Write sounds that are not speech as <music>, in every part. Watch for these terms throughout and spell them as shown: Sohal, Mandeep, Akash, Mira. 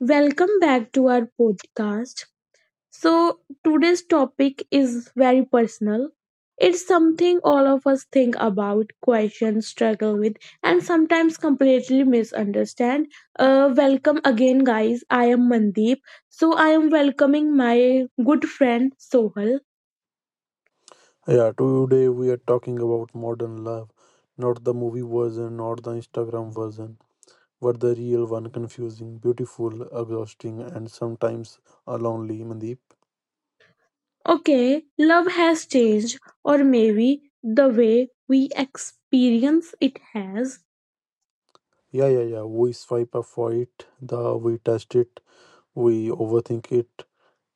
Welcome back to our podcast. So, today's topic is very personal. It's something all of us think about, question, struggle with, and sometimes completely misunderstand. Welcome again, guys. I am Mandeep. So, I am welcoming my good friend Sohal. Yeah, today we are talking about modern love, not the movie version, not the Instagram version, but the real one confusing, beautiful, exhausting, and sometimes lonely, Mandeep. Okay, love has changed, or maybe the way we experience it has. Yeah, yeah, yeah. We swipe up for it, the we test it, we overthink it,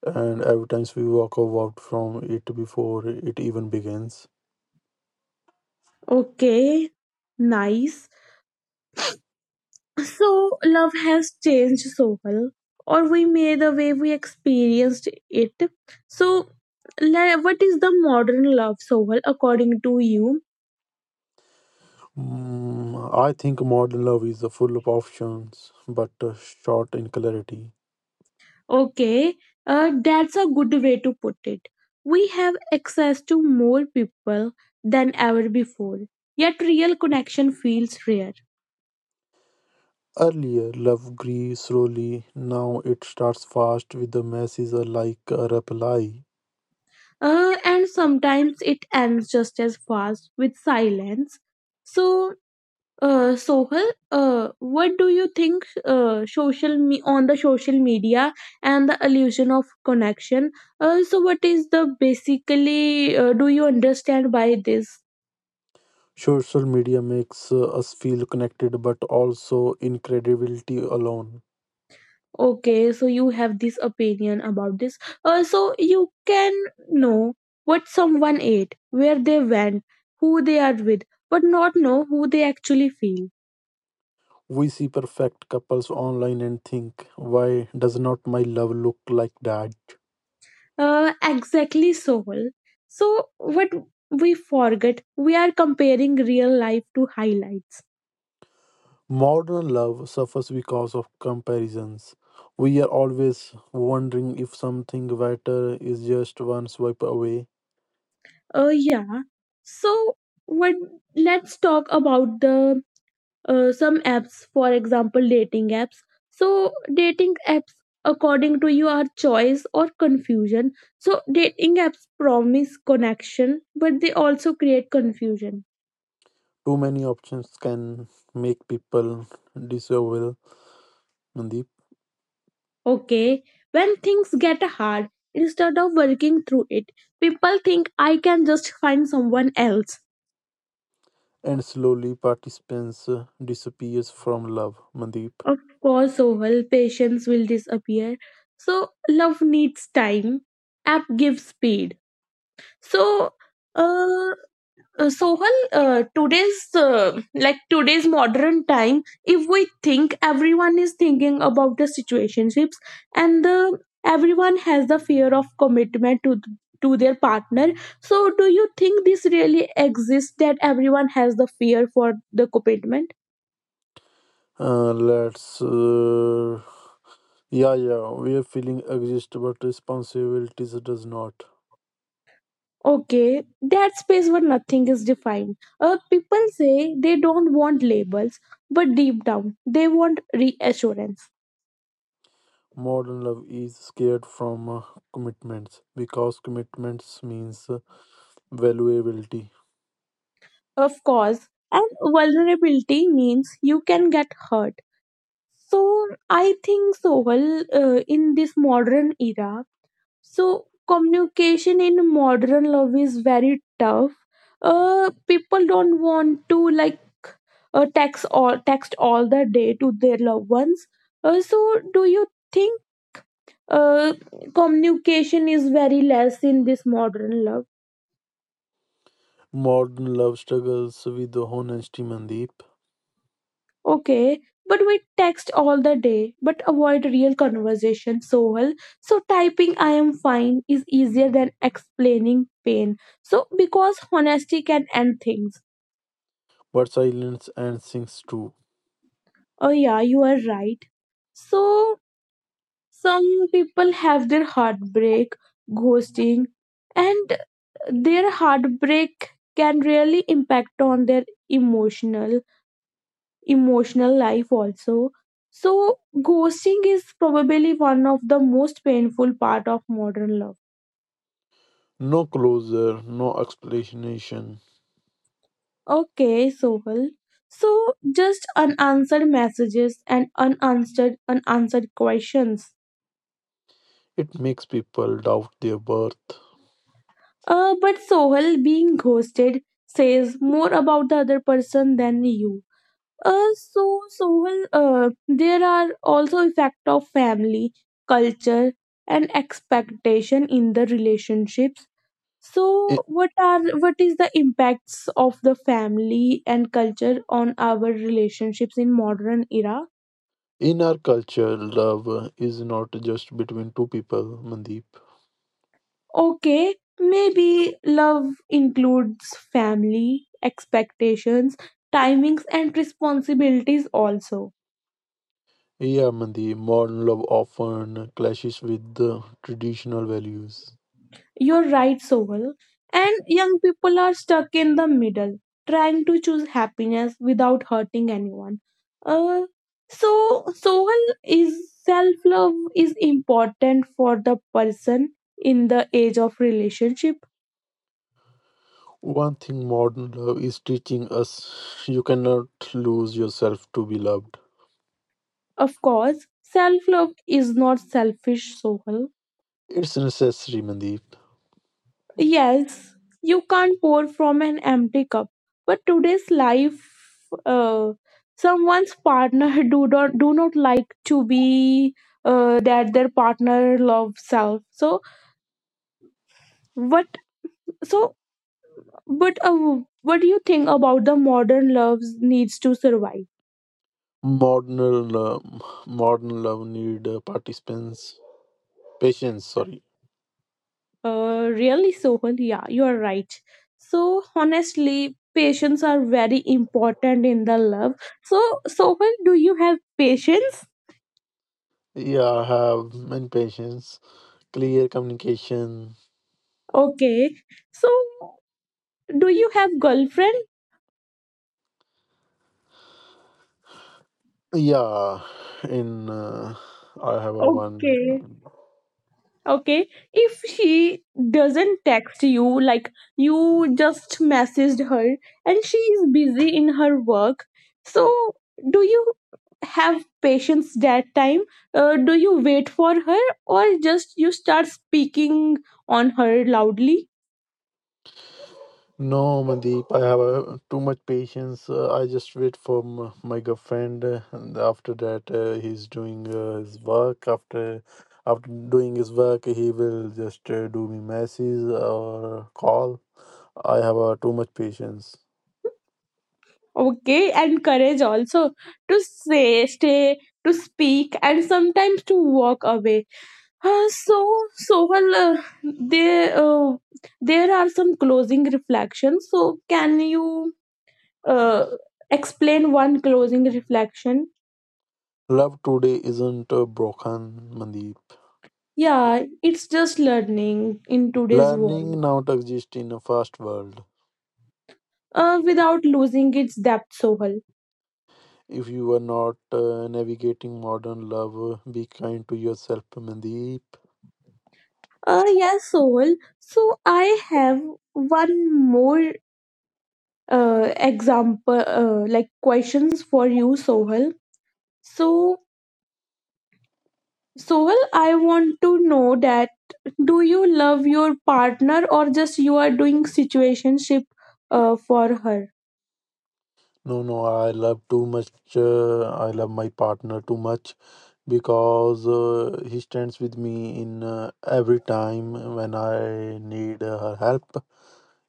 and every times we walk out from it before it even begins. Okay, nice. So, love has changed Sohal, or we may the way we experienced it. So, what is the modern love, Sohal, according to you? I think modern love is full of options, but short in clarity. Okay, that's a good way to put it. We have access to more people than ever before, yet, real connection feels rare. Earlier, love grew slowly, now it starts fast with the messages like a reply. And sometimes it ends just as fast with silence. So, Sohal, what do you think on the social media and the illusion of connection? So, what is the basically? Do you understand by this? Social media makes us feel connected but also incredibility alone. Okay, so you have this opinion about this. So you can know what someone ate, where they went, who they are with, but not know who they actually feel. We see perfect couples online and think, why does not my love look like that? Exactly, Soul. So, what we forget, we are comparing real life to highlights. Modern love suffers because of comparisons. We are always wondering if something better is just one swipe away. Yeah. So, what? Let's talk about the some apps. For example, dating apps. So, dating apps, according to you, are choice or confusion. So, dating apps promise connection, but they also create confusion. Too many options can make people disavow Mandeep, Okay, when things get hard, instead of working through it, people think I can just find someone else. and slowly participants disappears from love. Mandeep, Of course, Sohal, patience will disappear. So, love needs time. App gives speed. So, uh, Sohal, today's like today's modern time, if we think everyone is thinking about the situationships and the everyone has the fear of commitment to their partner. So, do you think this really exists that everyone has the fear for the commitment? Let's. Yeah, yeah, we are feeling exist, but responsibilities does not. Okay, that space where nothing is defined. People say they don't want labels, but deep down they want reassurance. Modern love is scared from commitments because commitments means valuability. Of course, and vulnerability means you can get hurt. So I think so. Well, in this modern era, so communication in modern love is very tough. People don't want to like text all the day to their loved ones. So do you think uh, communication is very less in this modern love? Modern love struggles with honesty, Mandeep, Okay, but we text all the day but avoid real conversation so well. So typing I am fine is easier than explaining pain. So because honesty can end things. but silence and sings too. Oh yeah, you are right. So some people have their heartbreak, ghosting, and their heartbreak can really impact on their emotional. emotional life also. So ghosting is probably one of the most painful part of modern love. No closure, no explanation. Okay, Sohal. So just unanswered messages and unanswered questions. It makes people doubt their birth. But Sohal, being ghosted says more about the other person than you. So Sohal, there are also effect of family culture and expectation in the relationship. So I- what is the impacts of the family and culture on our relationships in modern era? In our culture, love is not just between two people, Mandeep. Okay, maybe love includes family expectations timings and responsibilities also. Yeah, Mandeep, modern love often clashes with the traditional values. You're right, Sohal. And young people are stuck in the middle, trying to choose happiness without hurting anyone. Uh, so, Sohal, is self love is important for the person in the age of relationship? One thing modern love is teaching us you cannot lose yourself to be loved. Of course, self love is not selfish, Sohal. It's necessary, Mandeep. Yes, you can't pour from an empty cup. But today's life, uh, someone's partner <laughs> do not like to be that their partner loves self. So what? So but what do you think about the modern loves needs to survive? Modern love, modern love need participants, patience, sorry. Really, Sohal, yeah, you are right. So honestly, patience are very important in the love. So Sohal, do you have patience? Yeah, I have many patients, clear communication. Okay. So, do you have girlfriend? Yeah, in I have a Okay. one. Okay. If she doesn't text you, like you just messaged her and she is busy in her work, so do you have patience that time? Do you wait for her or just you start speaking on her loudly? No, Mandeep, I have a, too much patience. I just wait for my girlfriend, and after that, he's doing his work. After doing his work, he will just do me messages or call. I have too much patience. Okay, and courage also to say, stay, to speak, and sometimes to walk away. So, Sohal, there are some closing reflections. So, can you uh, explain one closing reflection? Love today isn't broken, Mandeep. Yeah, it's just learning in today's world Learning now exists in a fast world. Without losing its depth, Sohal. If you are not navigating modern love, be kind to yourself, Mandeep. Yes, Sohal. So, I have one more example, like questions for you, Sohal. So, Sohal, I want to know that do you love your partner or just you are doing situationship for her. No, no, I love too much. I love my partner too much because he stands with me in every time when I need her help.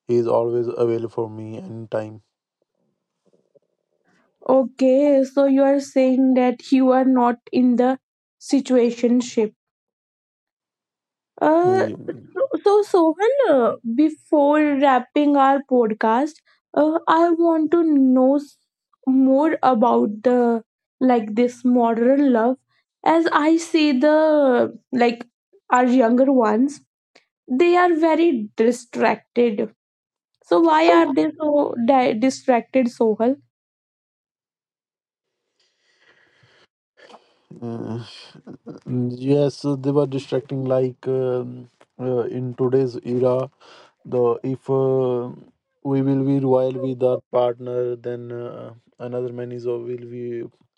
He is always available for me anytime. Okay, so you are saying that you are not in the situationship. uh Mm, so so Sohan, before wrapping our podcast, I want to know more about the like this modern love as I see the like our younger ones they are very distracted. So why are So, they so distracted, Sohal? uh, yes, they were distracting like in today's era. The If we will be royal with our partner then another man is will be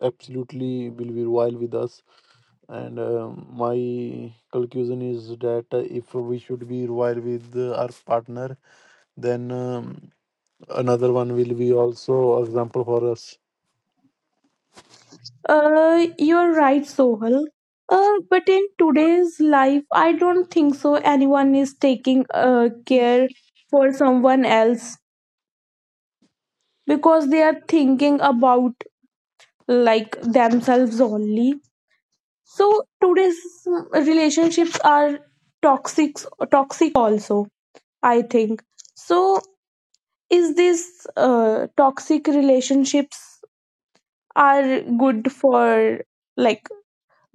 absolutely will be royal with us and my conclusion is that if we should be royal with our partner then another one will be also example for us. You're right, Sohal. But in today's life, I don't think so. Anyone is taking care for someone else because they are thinking about like themselves only. So today's relationships are toxic, toxic also. I think so. Is this toxic relationships are good for like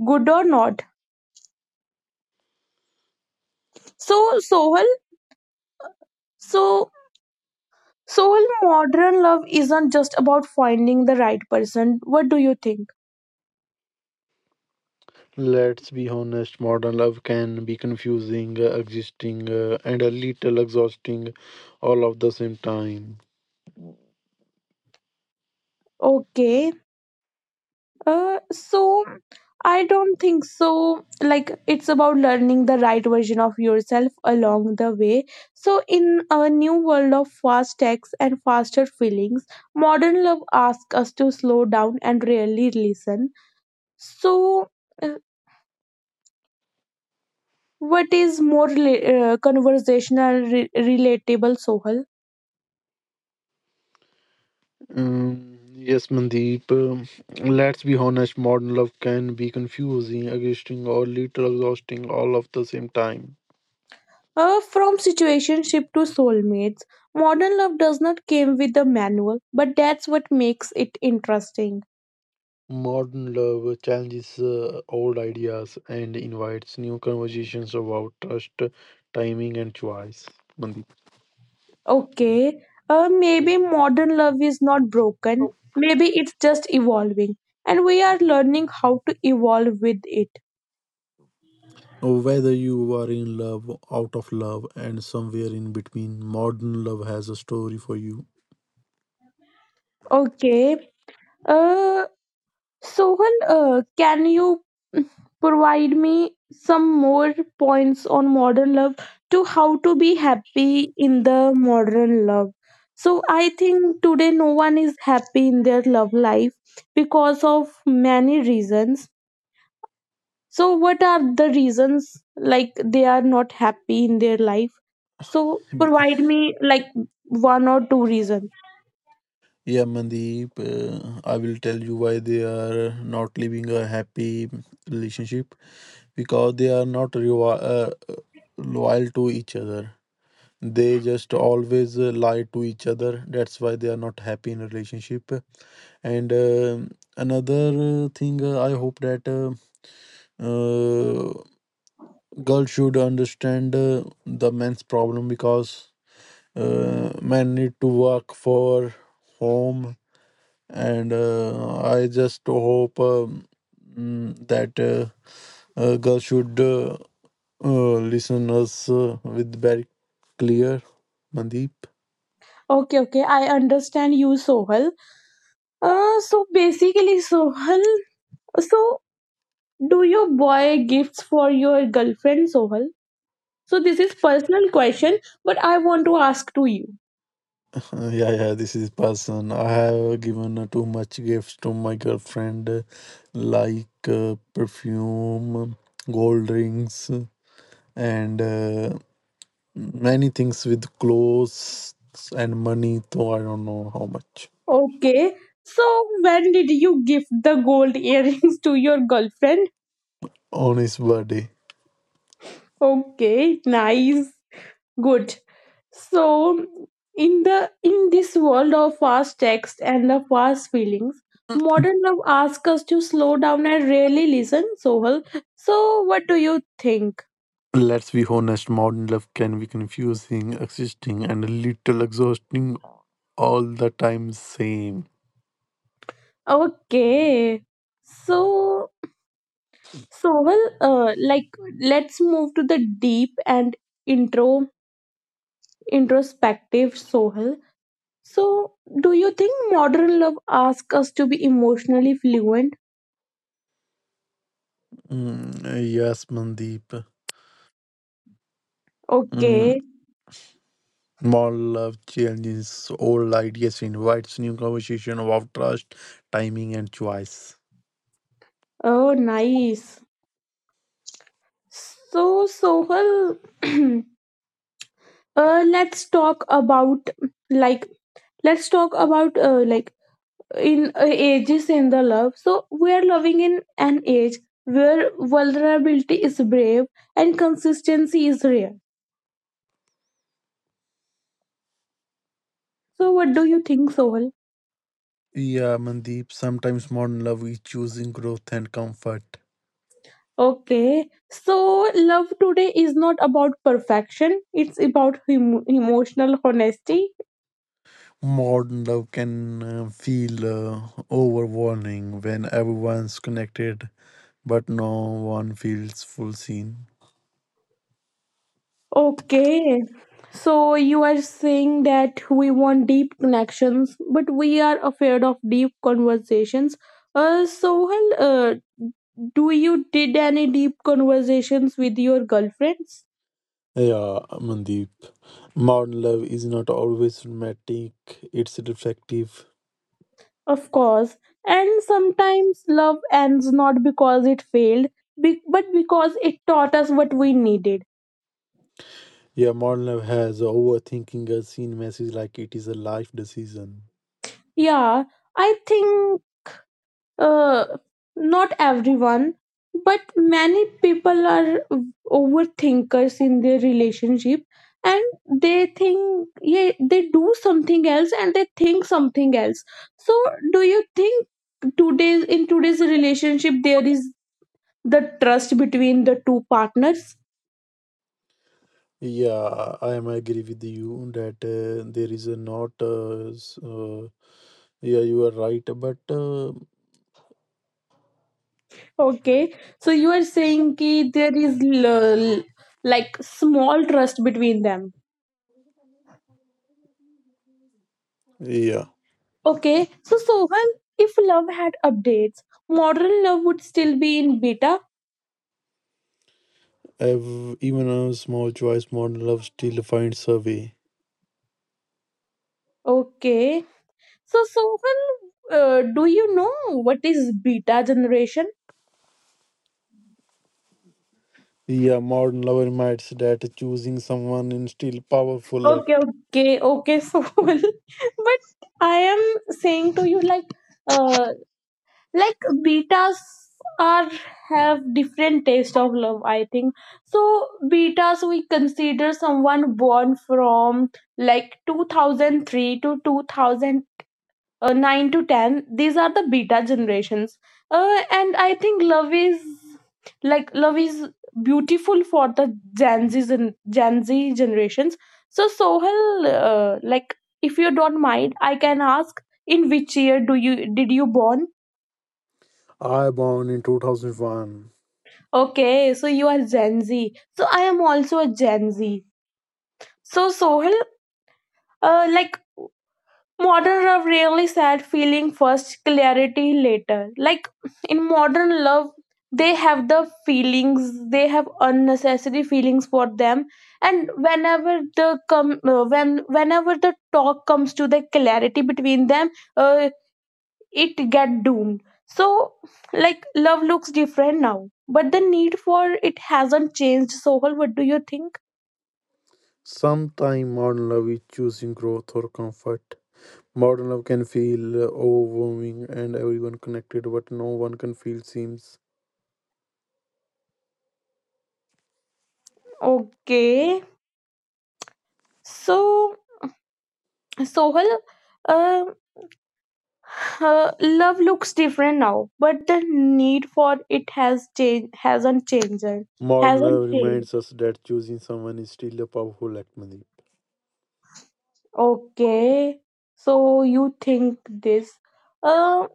good or not? So Sohal. So Sohal, modern love isn't just about finding the right person. What do you think? Let's be honest, modern love can be confusing, existing, and a little exhausting all of the same time. Okay. So I don't think so, like it's about learning the right version of yourself along the way. So in a new world of fast texts and faster feelings, modern love asks us to slow down and really listen. So uh, what is more conversational, relatable, Sohal? Yes, Mandeep. Let's be honest, modern love can be confusing, exhausting, or little exhausting all of the same time. From situationship to soulmates, modern love does not came with a manual, but that's what makes it interesting. Modern love challenges old ideas and invites new conversations about trust, timing, and choice. Mandeep. Okay, maybe modern love is not broken. Maybe it's just evolving, and we are learning how to evolve with it. Whether you are in love, out of love, and somewhere in between, modern love has a story for you. Okay, uh, Sohan, can you provide me some more points on modern love to how to be happy in the modern love? So I think today no one is happy in their love life because of many reasons. So what are the reasons like they are not happy in their life? So provide me like one or two reasons. Yeah, Mandeep, I will tell you why they are not living a happy relationship because they are not loyal to each other. They just always lie to each other. That's why they are not happy in a relationship. And another thing, I hope that uh, girls should understand the men's problem because men need to work for home and I just hope that girl should listen us with very clear Mandeep. <laughs> Okay, okay, I understand you, Sohal. So basically, Sohal. So, do you buy gifts for your girlfriend, Sohal? So, this is personal question, but I want to ask to you. Yeah, yeah, this is person. I have given too much gifts to my girlfriend, like perfume, gold rings, and many things with clothes and money. Though I don't know how much Okay. So, when did you give the gold <laughs> earrings to your girlfriend? on his birthday. Okay, nice. Good. So, in this world of fast text and the fast feelings, modern love asks us to slow down and really listen, Sohal. So, what do you think? Let's be honest, modern love can be confusing, existing, and a little exhausting all the time. Same. Okay. So, So, well, like let's move to the deep and intro introspective Sohal. So, do you think modern love asks us to be emotionally fluent? Yes, Mandeep. Mm, Okay. modern love challenges old ideas, invites new conversation about trust, timing, and choice. Oh, nice. So Sohal, <clears throat> let's talk about like let's talk about like in ages in the love. So we are loving in an age where vulnerability is brave and consistency is rare. So, what do you think, Soul? Yeah, Mandeep. Sometimes modern love is choosing growth and comfort. Okay, so love today is not about perfection, it's about emotional honesty. Modern love can feel uh, overwhelming when everyone's connected, but no one feels full seen. Okay, so you are saying that we want deep connections, but we are afraid of deep conversations. Sohal, do you did any deep conversations with your girlfriends? Yeah, Mandeep. Modern love is not always romantic, it's reflective. Of course. And sometimes love ends not because it failed, but because it taught us what we needed. Yeah, modern love has overthinking a scene message like it is a life decision. Yeah, I think uh, not everyone, but many people are overthinkers in their relationship and they think, yeah, they do something else and they think something else. So, do you think today's in today's relationship there is the trust between the two partners? Yeah, I am agree with you that there is a not. Yeah, you are right, but Okay, so you are saying ki there is like small trust between them. yeah, Okay, so Sohan, if love had updates, modern love would still be in beta. ev- even a small choice, modern love still finds a way. Okay, so Sohan, do you know what is beta generation? Yeah, modern love reminds that choosing someone is still powerful Okay, act. okay, okay, <laughs> Sohan. But I am saying to you uh, like betas are have different taste of love. I think so. Betas we consider someone born from like 2003 to 2009 to 10. These are the beta generations. And I think love is like love is beautiful for the Gen Z gen Z generations. So Sohel, like if you don't mind, I can ask in which year do you did you born. I born in 2001. Okay, so you are Gen Z. So I am also a Gen Z. So Sohil, like modern love really sad feeling first, clarity later. Like in modern love, they have the feelings, they have unnecessary feelings for them, and whenever the talk comes to the clarity between them, uh, it get doomed. So like love looks different now but the need for it hasn't changed, Sohal. What do you think? Sometimes modern love is choosing growth or comfort. Modern love can feel overwhelming and everyone connected, but no one can feel seems. Okay, so Sohal. uh, uh, Love looks different now but the need for it has changed hasn't changed Modern hasn't love changed reminds us that choosing someone is still a powerful act, Mandeep. Okay, so you think this. uh,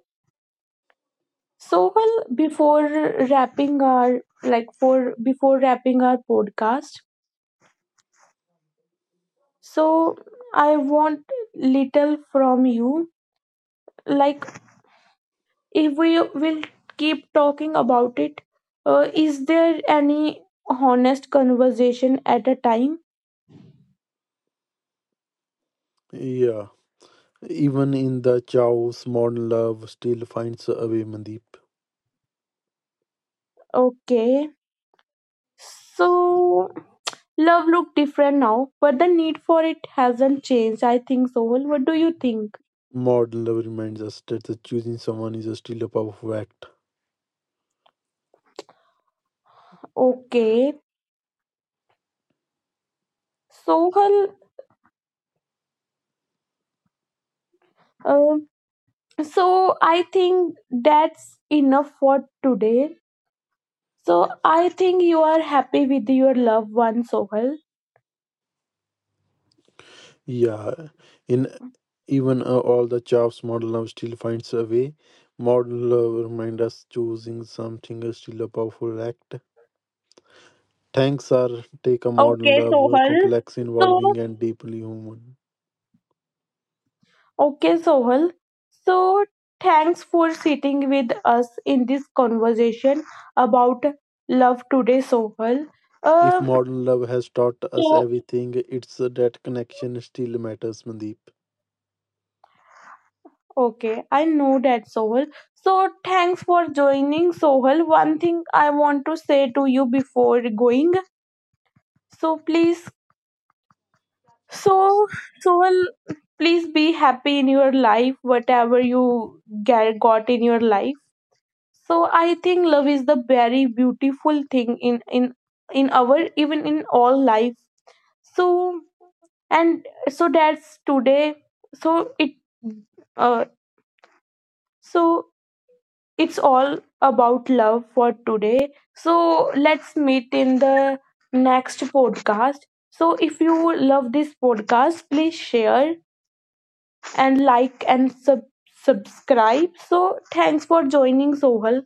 Sohal, wrapping our like for before wrapping our podcast. So I want little from you. Like if we will keep talking about it, is there any honest conversation at a time? Yeah, even in the chaos, modern love still finds a way, Mandeep. Okay. So love look different now, but the need for it hasn't changed. I think so. What do you think? Modern love reminds us that the choosing someone is still a powerful act. Okay. Sohal, um, so I think that's enough for today. So I think you are happy with your loved one, Sohal. Yeah, in even all the jobs, modern love still finds a way. Modern love remind us choosing something is still a powerful act. Thanks are take a modern Okay, love, Sohal. complex, involving, So, and deeply human. okay, Sohal. So thanks for sitting with us in this conversation about love today, Sohal. If Um, modern love has taught us so everything, it's that connection still matters, Mandeep. okay, I know that, Sohal. So thanks for joining, Sohal. One thing I want to say to you before going. So please. So, Sohal, please be happy in your life, whatever you got in your life. So, I think love is the very beautiful thing in our even in all life. So, and so that's today. So it, uh, so it's all about love for today. So let's meet in the next podcast. So if you love this podcast, please share and like and subscribe. So, thanks for joining, Sohal.